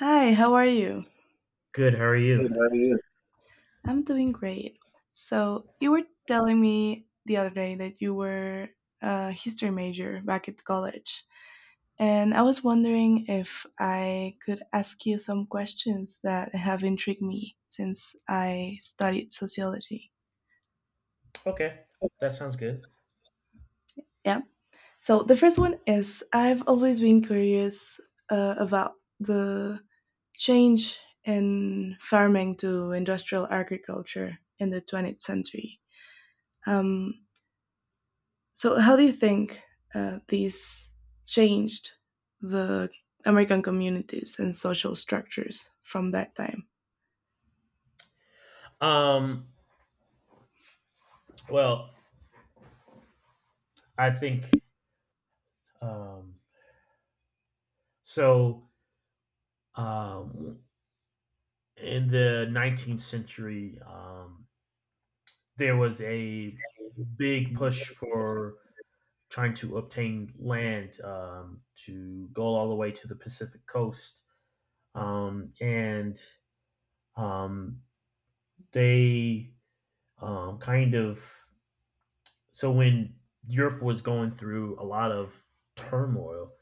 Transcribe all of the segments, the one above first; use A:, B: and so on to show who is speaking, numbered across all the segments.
A: Hi, how are you?
B: Good. How are
A: Good,
B: you?
A: how are you? I'm doing great. So, you were telling me the other day that you were a history major back at college. And I was wondering if I could ask you some questions that have intrigued me since I studied sociology.
B: Okay, that sounds good.
A: Yeah. So, the first one is I've always been curious about the change in farming to industrial agriculture in the 20th century. Um, so, how do you think these changed the American communities and social structures from that time?
B: Um. Well, I think. Um. So um, in the 19th century, there was a big push for trying to obtain land to go all the way to the Pacific coast. Um, and um, they um, kind of so when Europe was going through a lot of turmoil,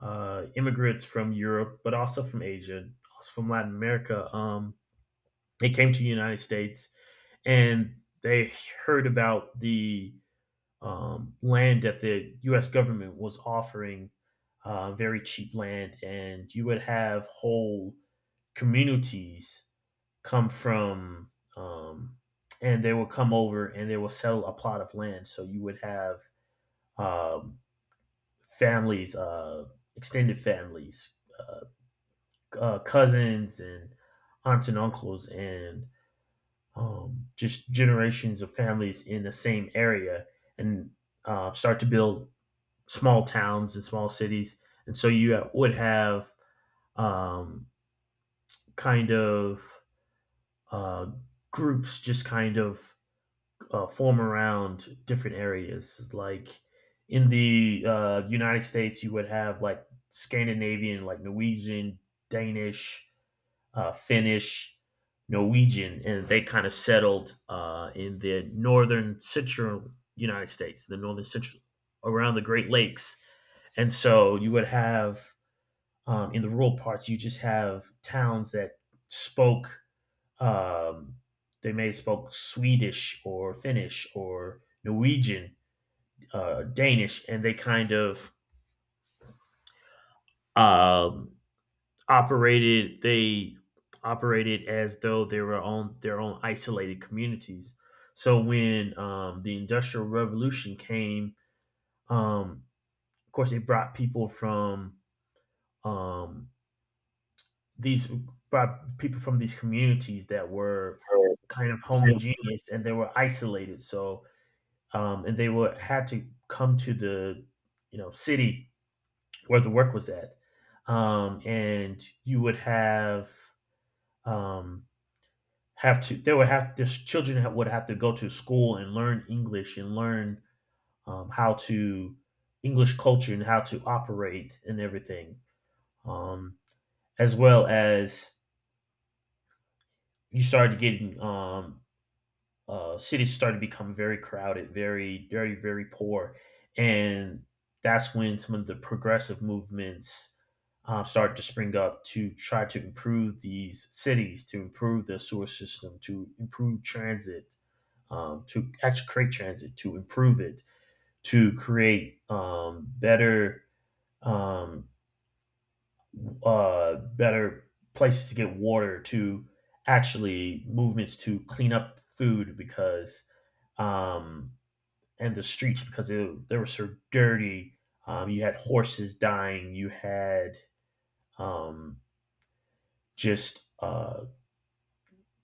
B: immigrants from Europe, but also from Asia, also from Latin America, they came to the United States and they heard about the land that the U.S. government was offering, very cheap land, and you would have whole communities come from, um, and they will come over and they will sell a plot of land. So you would have um, families, extended families, cousins and aunts and uncles, and just generations of families in the same area, and start to build small towns and small cities. And so you would have um, kind of uh, groups just kind of form around different areas. Like in the United States, you would have like Scandinavian, like Norwegian, Danish, Finnish, Norwegian, and they kind of settled in the northern central United States, the northern central around the Great Lakes. And so you would have in the rural parts, you just have towns that spoke um, they may have spoke Swedish or Finnish or Norwegian, Danish, and they kind of um, operated. They operated as though they were on their own isolated communities. So when the Industrial Revolution came, um, of course, it um, these brought people from these communities that were kind of homogeneous and they were isolated. So, and they were had to come to the city where the work was at, and you would um, have to they would have their children would have to go to school and learn English and learn how to English culture and how to operate and everything, um, as well as you started getting cities started to become very crowded, very, very, very poor, and that's when some of the progressive movements started to spring up to try to improve these cities, to improve the sewer system, to improve transit, to actually create transit, to improve it, to create um, better places to get water to actually movements to clean up food because um, and the streets because they were so dirty. You had horses dying. You had um, just uh,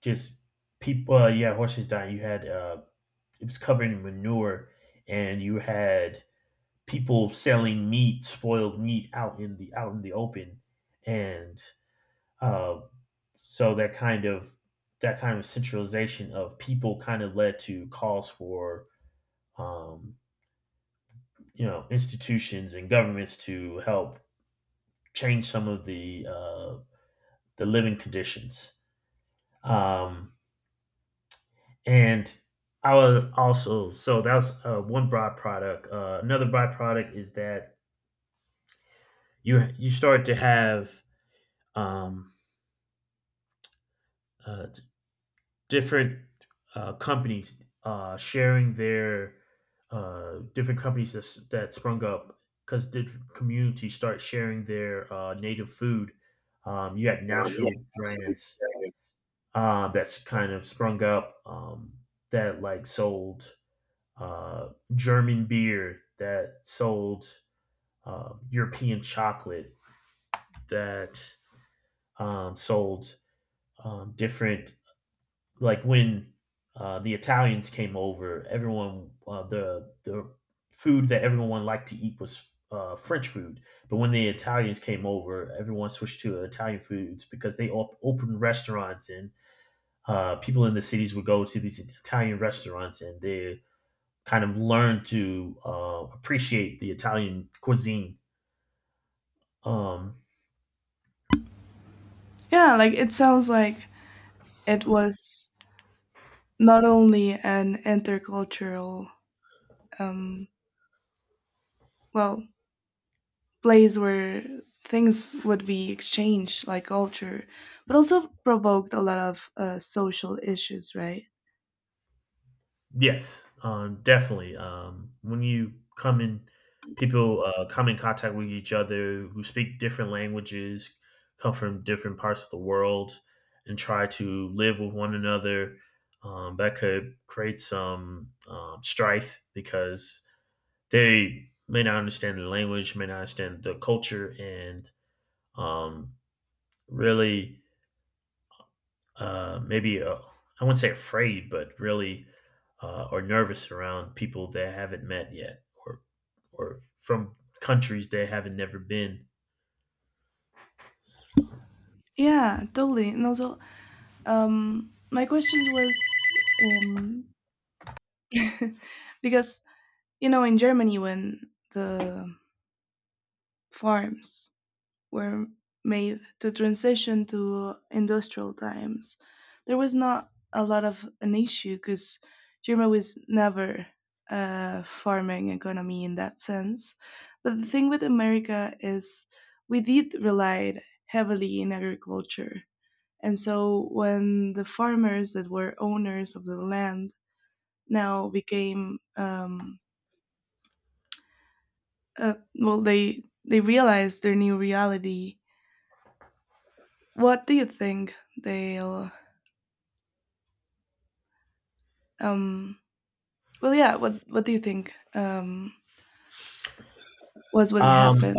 B: just people. Yeah, horses dying. You had It was covered in manure, and you had people selling meat, spoiled meat out in the open, and uh, so that kind of centralization of people kind of led to calls for um, institutions and governments to help change some of the living conditions. Um, and I was also so That was one byproduct. Another byproduct is that you start to have um, uh, different companies sharing their different companies that sprung up because different communities start sharing their native food. You had national brands that's kind of sprung up that like sold uh, German beer, that sold European chocolate, that sold different like when the Italians came over, everyone the food that everyone liked to eat was French food. But when the Italians came over, everyone switched to Italian foods because they opened restaurants and people in the cities would go to these Italian restaurants and they kind of learned to appreciate the Italian cuisine. Um,
A: Yeah, like it sounds like it was not only an intercultural, um, well, place where things would be exchanged, like culture, but also provoked a lot of social issues, right?
B: Yes, definitely. When you come in, people come in contact with each other who speak different languages, come from different parts of the world, and try to live with one another. That could create some strife because they may not understand the language, may not understand the culture, and um, really maybe I wouldn't say afraid, but really or nervous around people they haven't met yet, or from countries they haven't never been.
A: Yeah, totally. And also, my questions was um, because you know in Germany when the farms were made to transition to industrial times, there was not a lot of an issue because Germany was never a farming economy in that sense. But the thing with America is we did relied heavily in agriculture. And so when the farmers that were owners of the land now became well they realize their new reality, what do you think they'll um well, yeah, what do you think was what happened?
B: Um,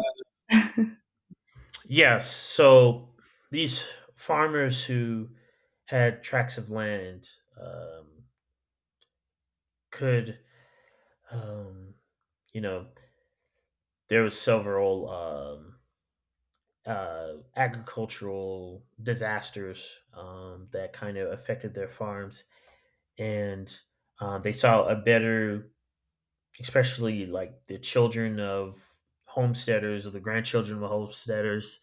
B: yes, so these farmers who had tracts of land um, could, um, you know, there was several agricultural disasters that kind of affected their farms and they saw a better, especially like the children of homesteaders or the grandchildren of homesteaders.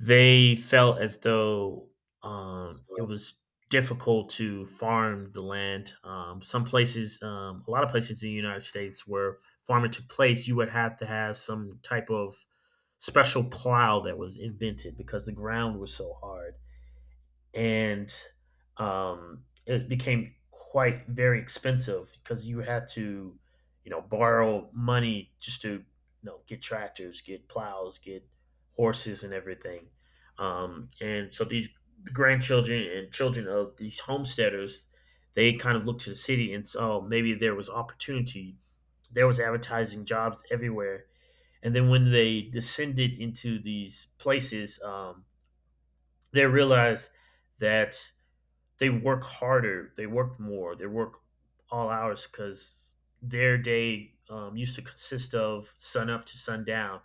B: They felt as though it was difficult to farm the land. A lot of places in the United States, where farming took place, you would have to have some type of special plow that was invented because the ground was so hard and it became quite very expensive because you had to, borrow money just to, get tractors, get plows, get horses, and everything. And so these grandchildren and children of these homesteaders, they kind of looked to the city and saw maybe there was opportunity. There was advertising jobs everywhere. And then when they descended into these places, they realized that they work harder, they work more, they work all hours because their day used to consist of sun up to sundown.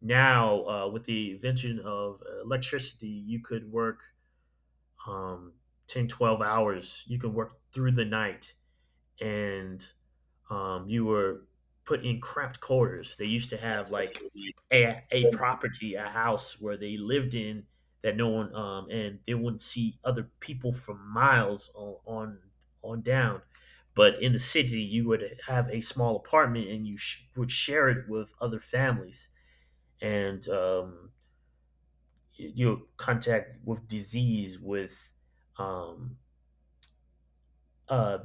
B: Now, with the invention of electricity, you could work um, 10, 12 hours. You can work through the night and you were put in cramped quarters. They used to have like a property, a house where they lived in that no one, and they wouldn't see other people for miles on down. But in the city, you would have a small apartment and you would share it with other families. And contact with disease, with um, uh,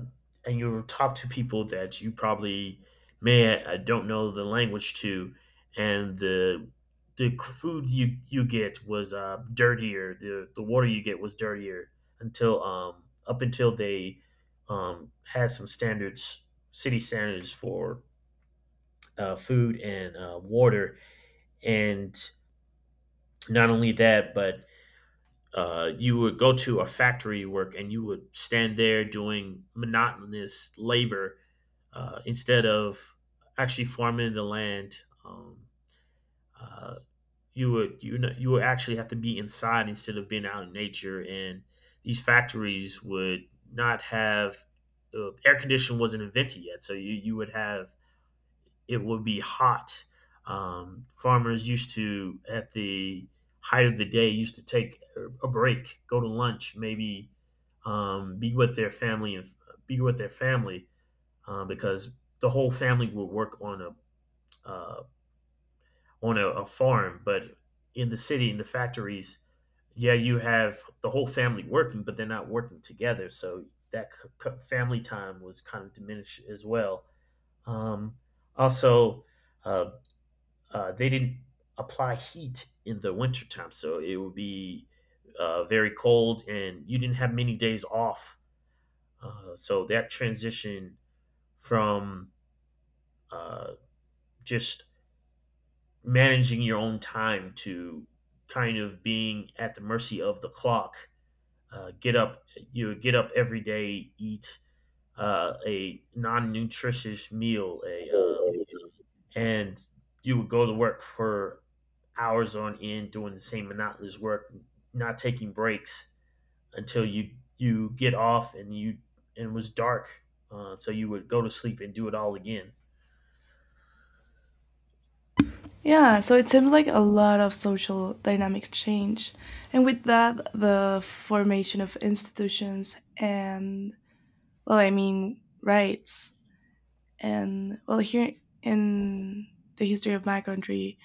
B: and you talk to people that you probably may don't know the language to, and the food you get was dirtier. The water you get was dirtier until up until they had some standards, city standards for food and water, and not only that, but you would go to a factory work and you would stand there doing monotonous labor instead of actually farming the land, uh, you would you would actually have to be inside instead of being out in nature, and these factories would not have air conditioning wasn't invented yet, so you would have it would be hot. Farmers used to at the height of the day used to take a break, go to lunch, maybe be with their family and be with their family because the whole family would work on a uh, a farm, but in the city in the factories, yeah, you have the whole family working, but they're not working together, so that family time was kind of diminished as well. Um, Also, uh, they didn't apply heat in the wintertime, so it would be very cold, and you didn't have many days off. So that transition from uh, just managing your own time to kind of being at the mercy of the clock. Uh, get up, you get up every day, eat a non-nutritious meal, a and you would go to work for hours on end doing the same monotonous work, not taking breaks until you get off and you and it was dark, so you would go to sleep and do it all again.
A: Yeah, so it seems like a lot of social dynamics change, and with that the formation of institutions and, well, I mean, rights. And well, here in the history of my country,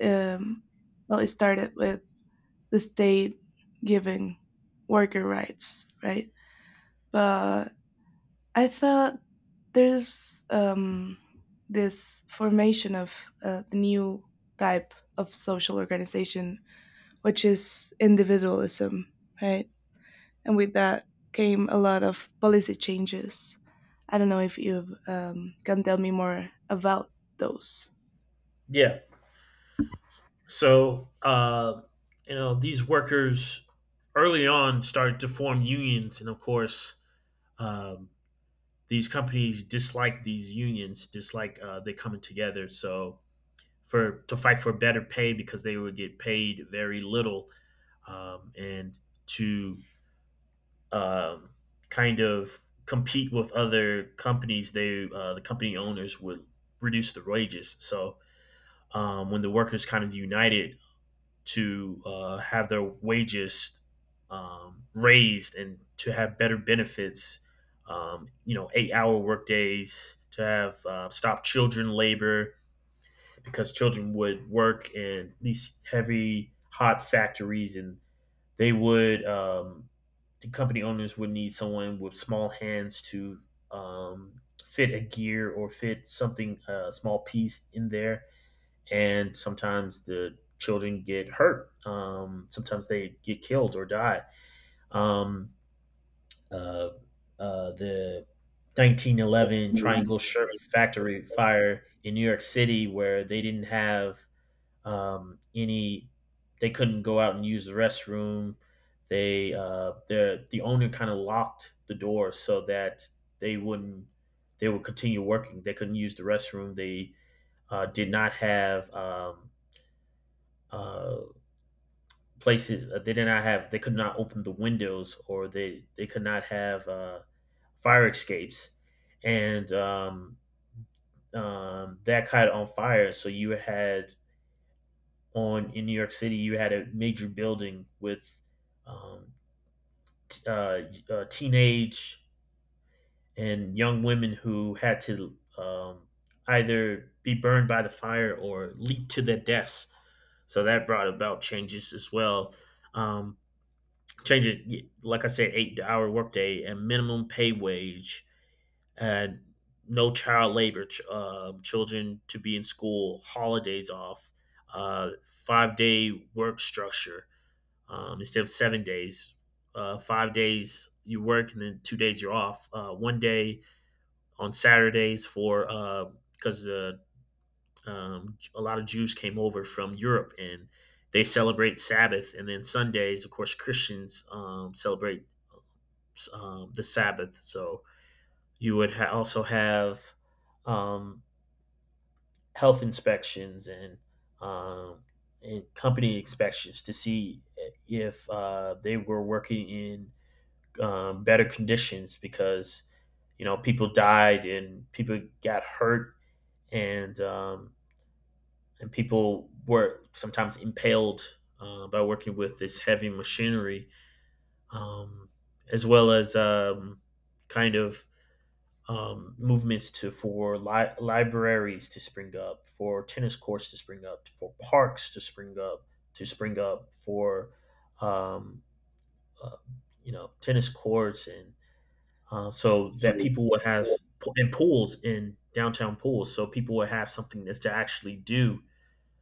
A: um well, it started with the state giving worker rights, right? But I thought there's this formation of a new type of social organization, which is individualism, right? And with that came a lot of policy changes. I don't know if you can tell me more about those.
B: Yeah, so these workers early on started to form unions, and of course, um, these companies dislike these unions, dislike they coming together. So, for to fight for better pay because they would get paid very little, and to um, kind of compete with other companies, the company owners would reduce the wages. So, when the workers kind of united, to have their wages raised and to have better benefits. 8-hour work days to have stop children labor because children would work in these heavy, hot factories, and they would um, the company owners would need someone with small hands to fit a gear or fit something a small piece in there and sometimes the children get hurt. Sometimes they get killed or die. Um, uh, the 1911 Triangle Shirt Factory fire in New York City, where they didn't have any, they couldn't go out and use the restroom. The owner kind of locked the door so that they wouldn't they would continue working. They couldn't use the restroom. They did not have uh, places, they did not have, they could not open the windows, or they could not have fire escapes, and that caught on fire. So you had, on in New York City, you had a major building with um, t- uh, teenage and young women who had to either be burned by the fire or leap to their deaths. So that brought about changes as well. um, Change it, like I said, 8-hour workday and minimum pay wage, and no child labor, children to be in school, holidays off, 5-day work structure, instead of 7 days. 5 days you work and then 2 days you're off, one day on Saturdays, for because a lot of Jews came over from Europe and they celebrate Sabbath, and then Sundays of course Christians celebrate the Sabbath. So you would also have um, health inspections and um, company inspections to see if they were working in better conditions, because you know people died and people got hurt, and um, and people were sometimes impaled by working with this heavy machinery, um, as well as kind of movements to, for libraries to spring up, for tennis courts to spring up, for parks to spring up for um, uh, you know tennis courts, and so that people would have,
A: Yeah.
B: and pools, in downtown pools, so people would have something that's to actually do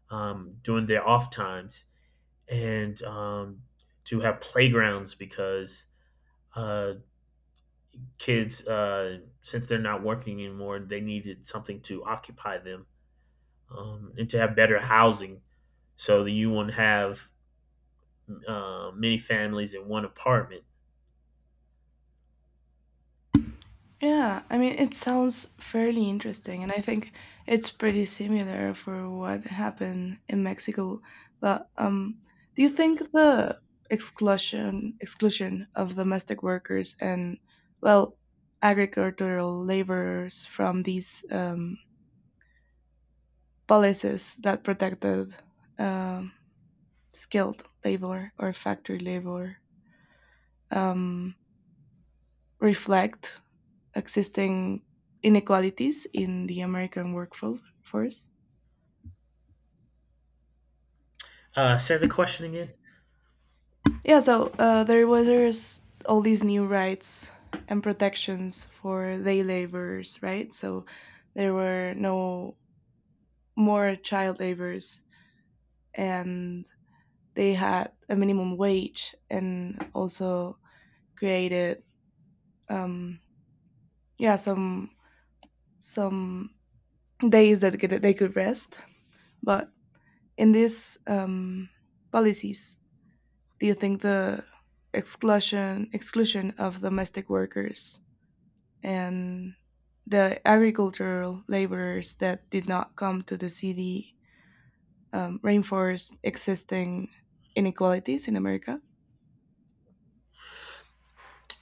B: during their off times, and to have playgrounds because uh, kids, since they're not working anymore, they needed something to occupy them, and to have better housing so that you wouldn't have many families in one apartment.
A: Yeah, I mean, it sounds fairly interesting, and I think it's pretty similar for what happened in Mexico. But do you think the exclusion of domestic workers and, well, agricultural laborers from these policies that protected um skilled labor or factory labor um, reflect existing inequalities in the American workforce?
B: Say the question again.
A: Yeah, so there was all these new rights and protections for day laborers, right? So there were no more child labors, and they had a minimum wage, and also created um, yeah, some days that get- they could rest. But in these policies, do you think the exclusion of domestic workers and the agricultural laborers that did not come to the city reinforced existing inequalities in America?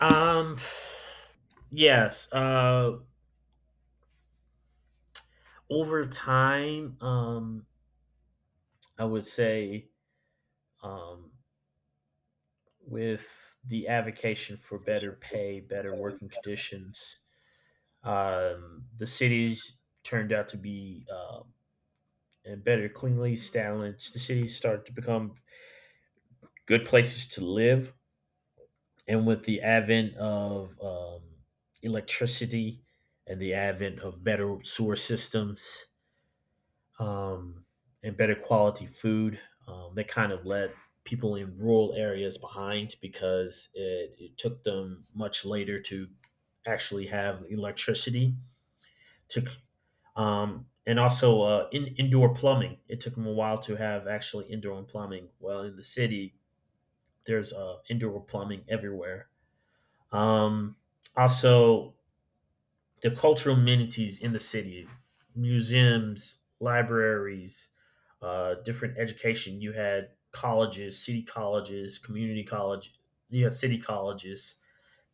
B: um, yes. Over time, I would say, um, with the advocation for better pay, better working conditions, the cities turned out to be and better cleanly established, the cities start to become good places to live. And with the advent of electricity and the advent of better sewer systems, um, and better quality food, that kind of led people in rural areas behind because it took them much later to actually have electricity, to and also indoor plumbing. It took them a while to have actually indoor plumbing. Well, in the city, there's indoor plumbing everywhere. Um, Also, the cultural amenities in the city, museums, libraries, different education. You had colleges, city colleges, community college, you had city colleges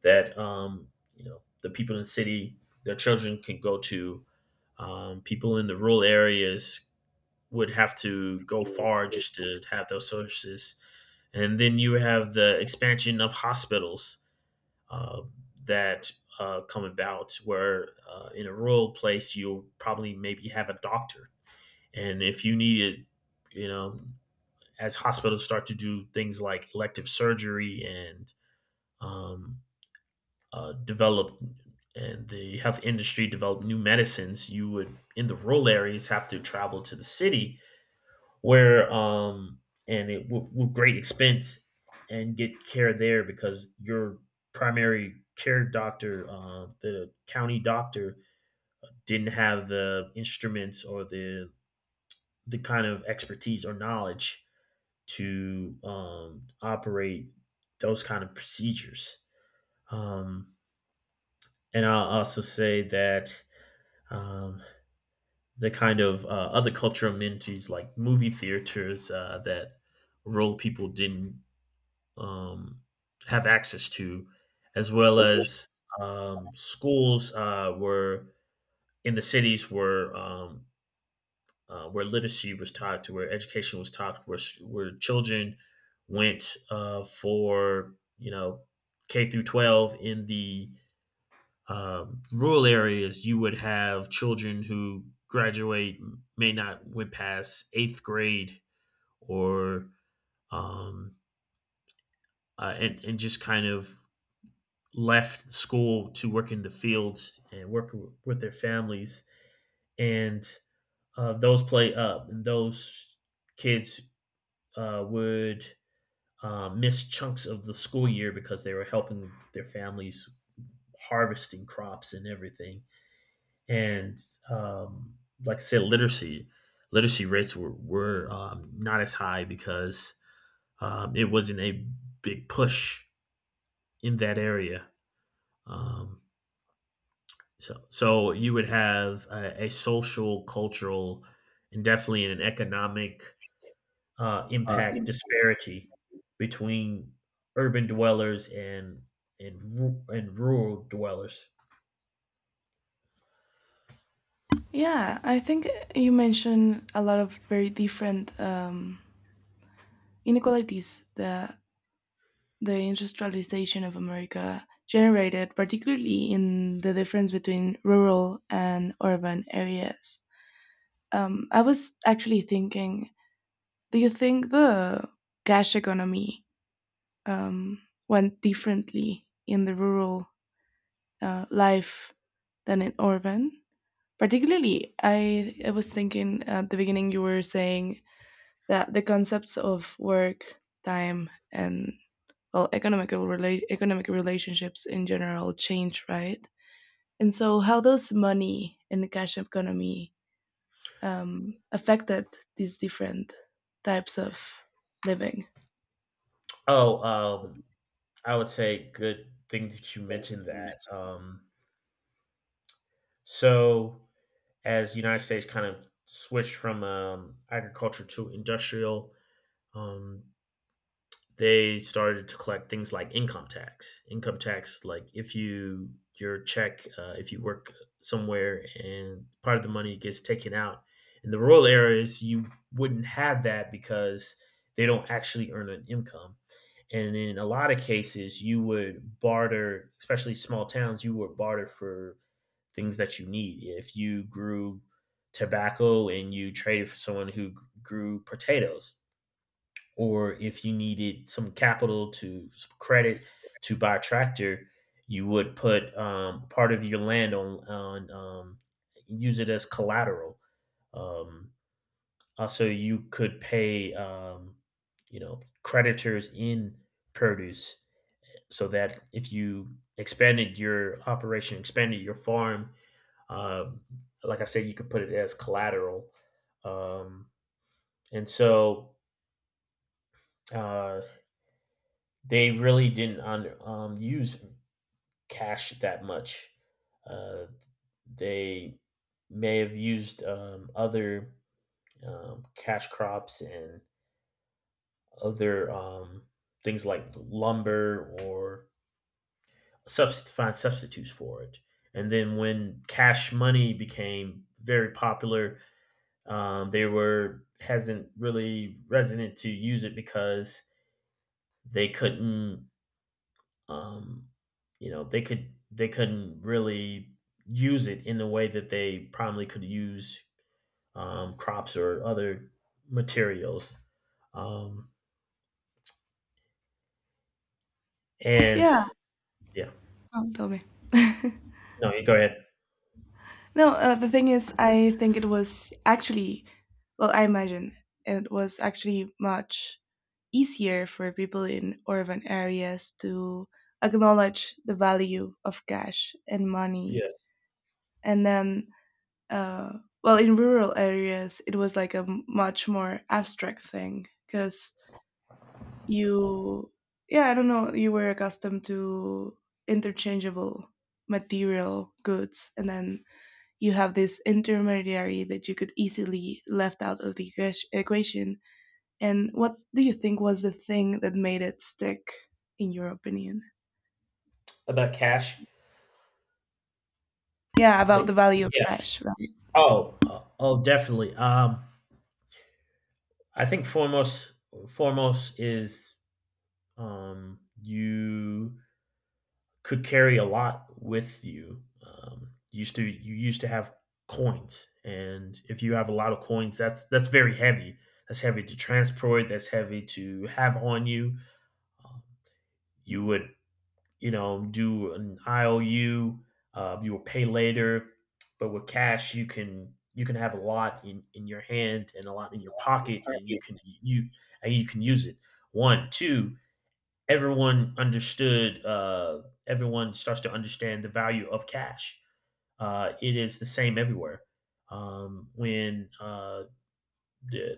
B: that you know the people in the city, their children can go to. People in the rural areas would have to go far just to have those services. And then you have the expansion of hospitals uh, that come about, where in a rural place, you'll probably maybe have a doctor. And if you need it, you know, as hospitals start to do things like elective surgery, and um, develop, and the health industry develop new medicines, you would in the rural areas have to travel to the city, where and it, with great expense, and get care there because your primary care doctor, the county doctor, didn't have the instruments or the kind of expertise or knowledge to operate those kind of procedures. Um, and I'll also say that um, the kind of other cultural amenities like movie theaters, that rural people didn't um, have access to, as well as schools, were in the cities, were where literacy was taught, to where education was taught, where children went for, you know, K through 12 in the rural areas. You would have children who graduate may not went past eighth grade, or um, and just kind of left school to work in the fields and work with their families. And those play up, and those kids would miss chunks of the school year because they were helping their families harvesting crops and everything. And um, like I said, literacy rates were not as high because it wasn't a big push in that area. Um, so you would have a social, cultural, and definitely an economic impact
A: In-
B: disparity between urban dwellers and rural dwellers.
A: Yeah, I think you mentioned a lot of very different inequalities that the industrialization of America generated, particularly in the difference between rural and urban areas. I was actually thinking, do you think the cash economy um, went differently in the rural life than in urban? Particularly, I was thinking at the beginning you were saying that the concepts of work, time, and, well, economic relationships in general change, right? And so how does money in the cash economy affected these different types of living?
B: Oh, I would say, good thing that you mentioned that. So, as the United States kind of switched from agriculture to industrial, um, they started to collect things like income tax. Income tax, like if you, your check, if you work somewhere and part of the money gets taken out, in the rural areas, you wouldn't have that because they don't actually earn an income. And in a lot of cases, you would barter, especially small towns, you would barter for things that you need. If you grew tobacco and you traded for someone who grew potatoes, or if you needed some capital to some credit to buy a tractor, you would put part of your land on, use it as collateral. Um, Also, you could pay, you know, creditors in produce, so that if you expanded your operation, expanded your farm, um, like I said, you could put it as collateral. Um, and so uh, They really didn't un use cash that much. Uh, they may have used, other, cash crops and other, things like lumber, or subst find substitutes for it. And then when cash money became very popular, they were hasn't really resonant to use it because they couldn't. Um, you know, they couldn't really use it in the way that they probably could use crops or other materials. Um, and
A: Yeah.
B: Yeah.
A: Oh, tell me.
B: No, you go ahead.
A: No, the thing is I think it was actually, well, I imagine it was actually much easier for people in urban areas to acknowledge the value of cash and money.
B: Yes,
A: And then uh, well, in rural areas it was like a much more abstract thing because you, yeah, I don't know, you were accustomed to interchangeable material goods, and then you have this intermediary that you could easily left out of the equation. And what do you think was the thing that made it stick, in your opinion?
B: about cash.
A: Yeah, about
B: Like,
A: the value of
B: yeah.
A: cash.
B: Oh, definitely. I think foremost is, you could carry a lot with you. Used to, you used to have coins, and if you have a lot of coins, that's very heavy. That's heavy to transport. That's heavy to have on you. Um, you would, you know, do an IOU. You will pay later, but with cash, you can have a lot in, your hand and a lot in your pocket,
A: Right.
B: and you can use it. One, two, everyone understood. Everyone starts to understand the value of cash. It is the same everywhere. When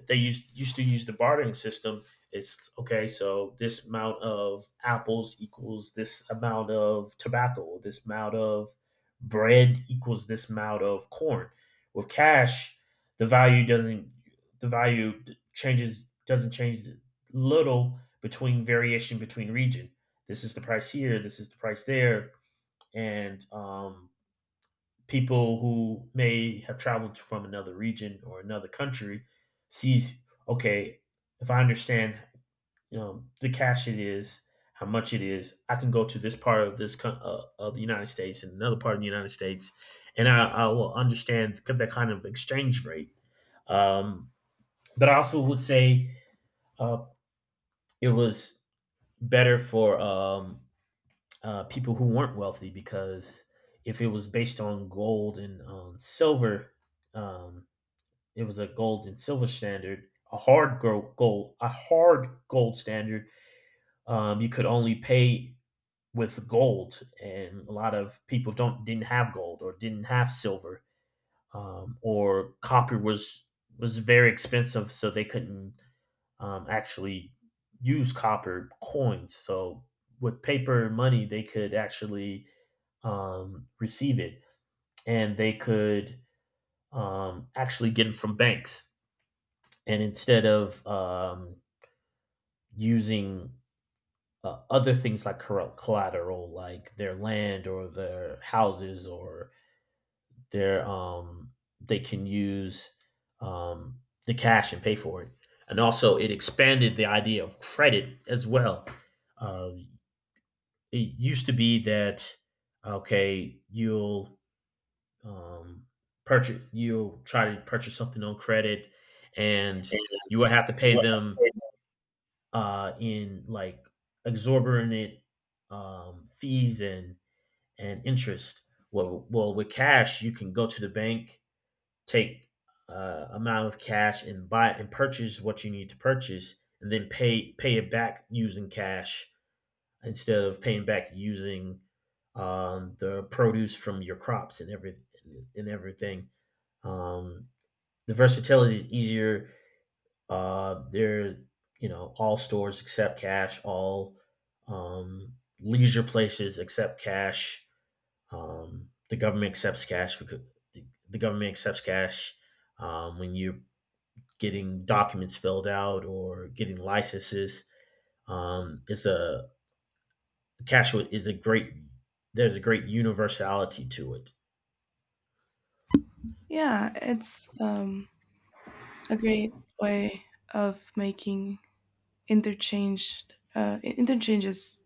B: they used to use the bartering system. It's okay, so this amount of apples equals this amount of tobacco. This amount of bread equals this amount of corn. With cash, the value doesn't the value changes doesn't change, little between variation between region. This is the price here. This is the price there, and people who may have traveled from another region or another country sees, okay, if I understand, you know, the cash, it is, how much it is, I can go to this part of this of the United States and another part of the United States, and I will understand that kind of exchange rate. um, but I also would say, uh, it was better for, people who weren't wealthy, because if it was based on gold and silver. um, It was a gold and silver standard, a hard a hard gold standard. You could only pay with gold, and a lot of people don't didn't have gold or didn't have silver, or copper was very expensive, so they couldn't actually use copper coins. So with paper money, they could actually receive it, and they could actually get it from banks. And instead of using other things like collateral, like their land or their houses or their, they can use um, the cash and pay for it. And also, it expanded the idea of credit as well. Uh, it used to be that, okay, um, you'll try to purchase something on credit, and you will have to pay them in like exorbitant fees and interest. Well, with cash, you can go to the bank, take amount of cash, and buy and purchase what you need to purchase, and then pay it back using cash instead of paying back using the produce from your crops and everything. Um, the versatility is easier, they're, you know, all stores accept cash, all um, leisure places accept cash. The government accepts cash because the, government accepts cash when you're getting documents filled out or getting licenses. It's a Cash is a great there's a great universality to it.
A: Yeah, it's a great way of making interchange, interchanges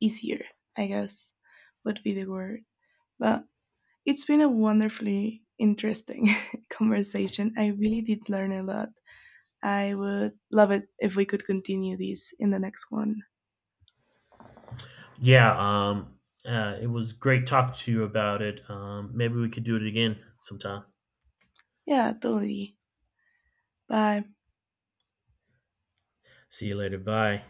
A: easier, I guess would be the word. But it's been a wonderfully interesting conversation. I really did learn a lot. I would love it if we could continue this in the next one.
B: Yeah. It was great talking to you about it. Maybe we could do it again sometime.
A: Yeah, totally. Bye.
B: See you later. Bye.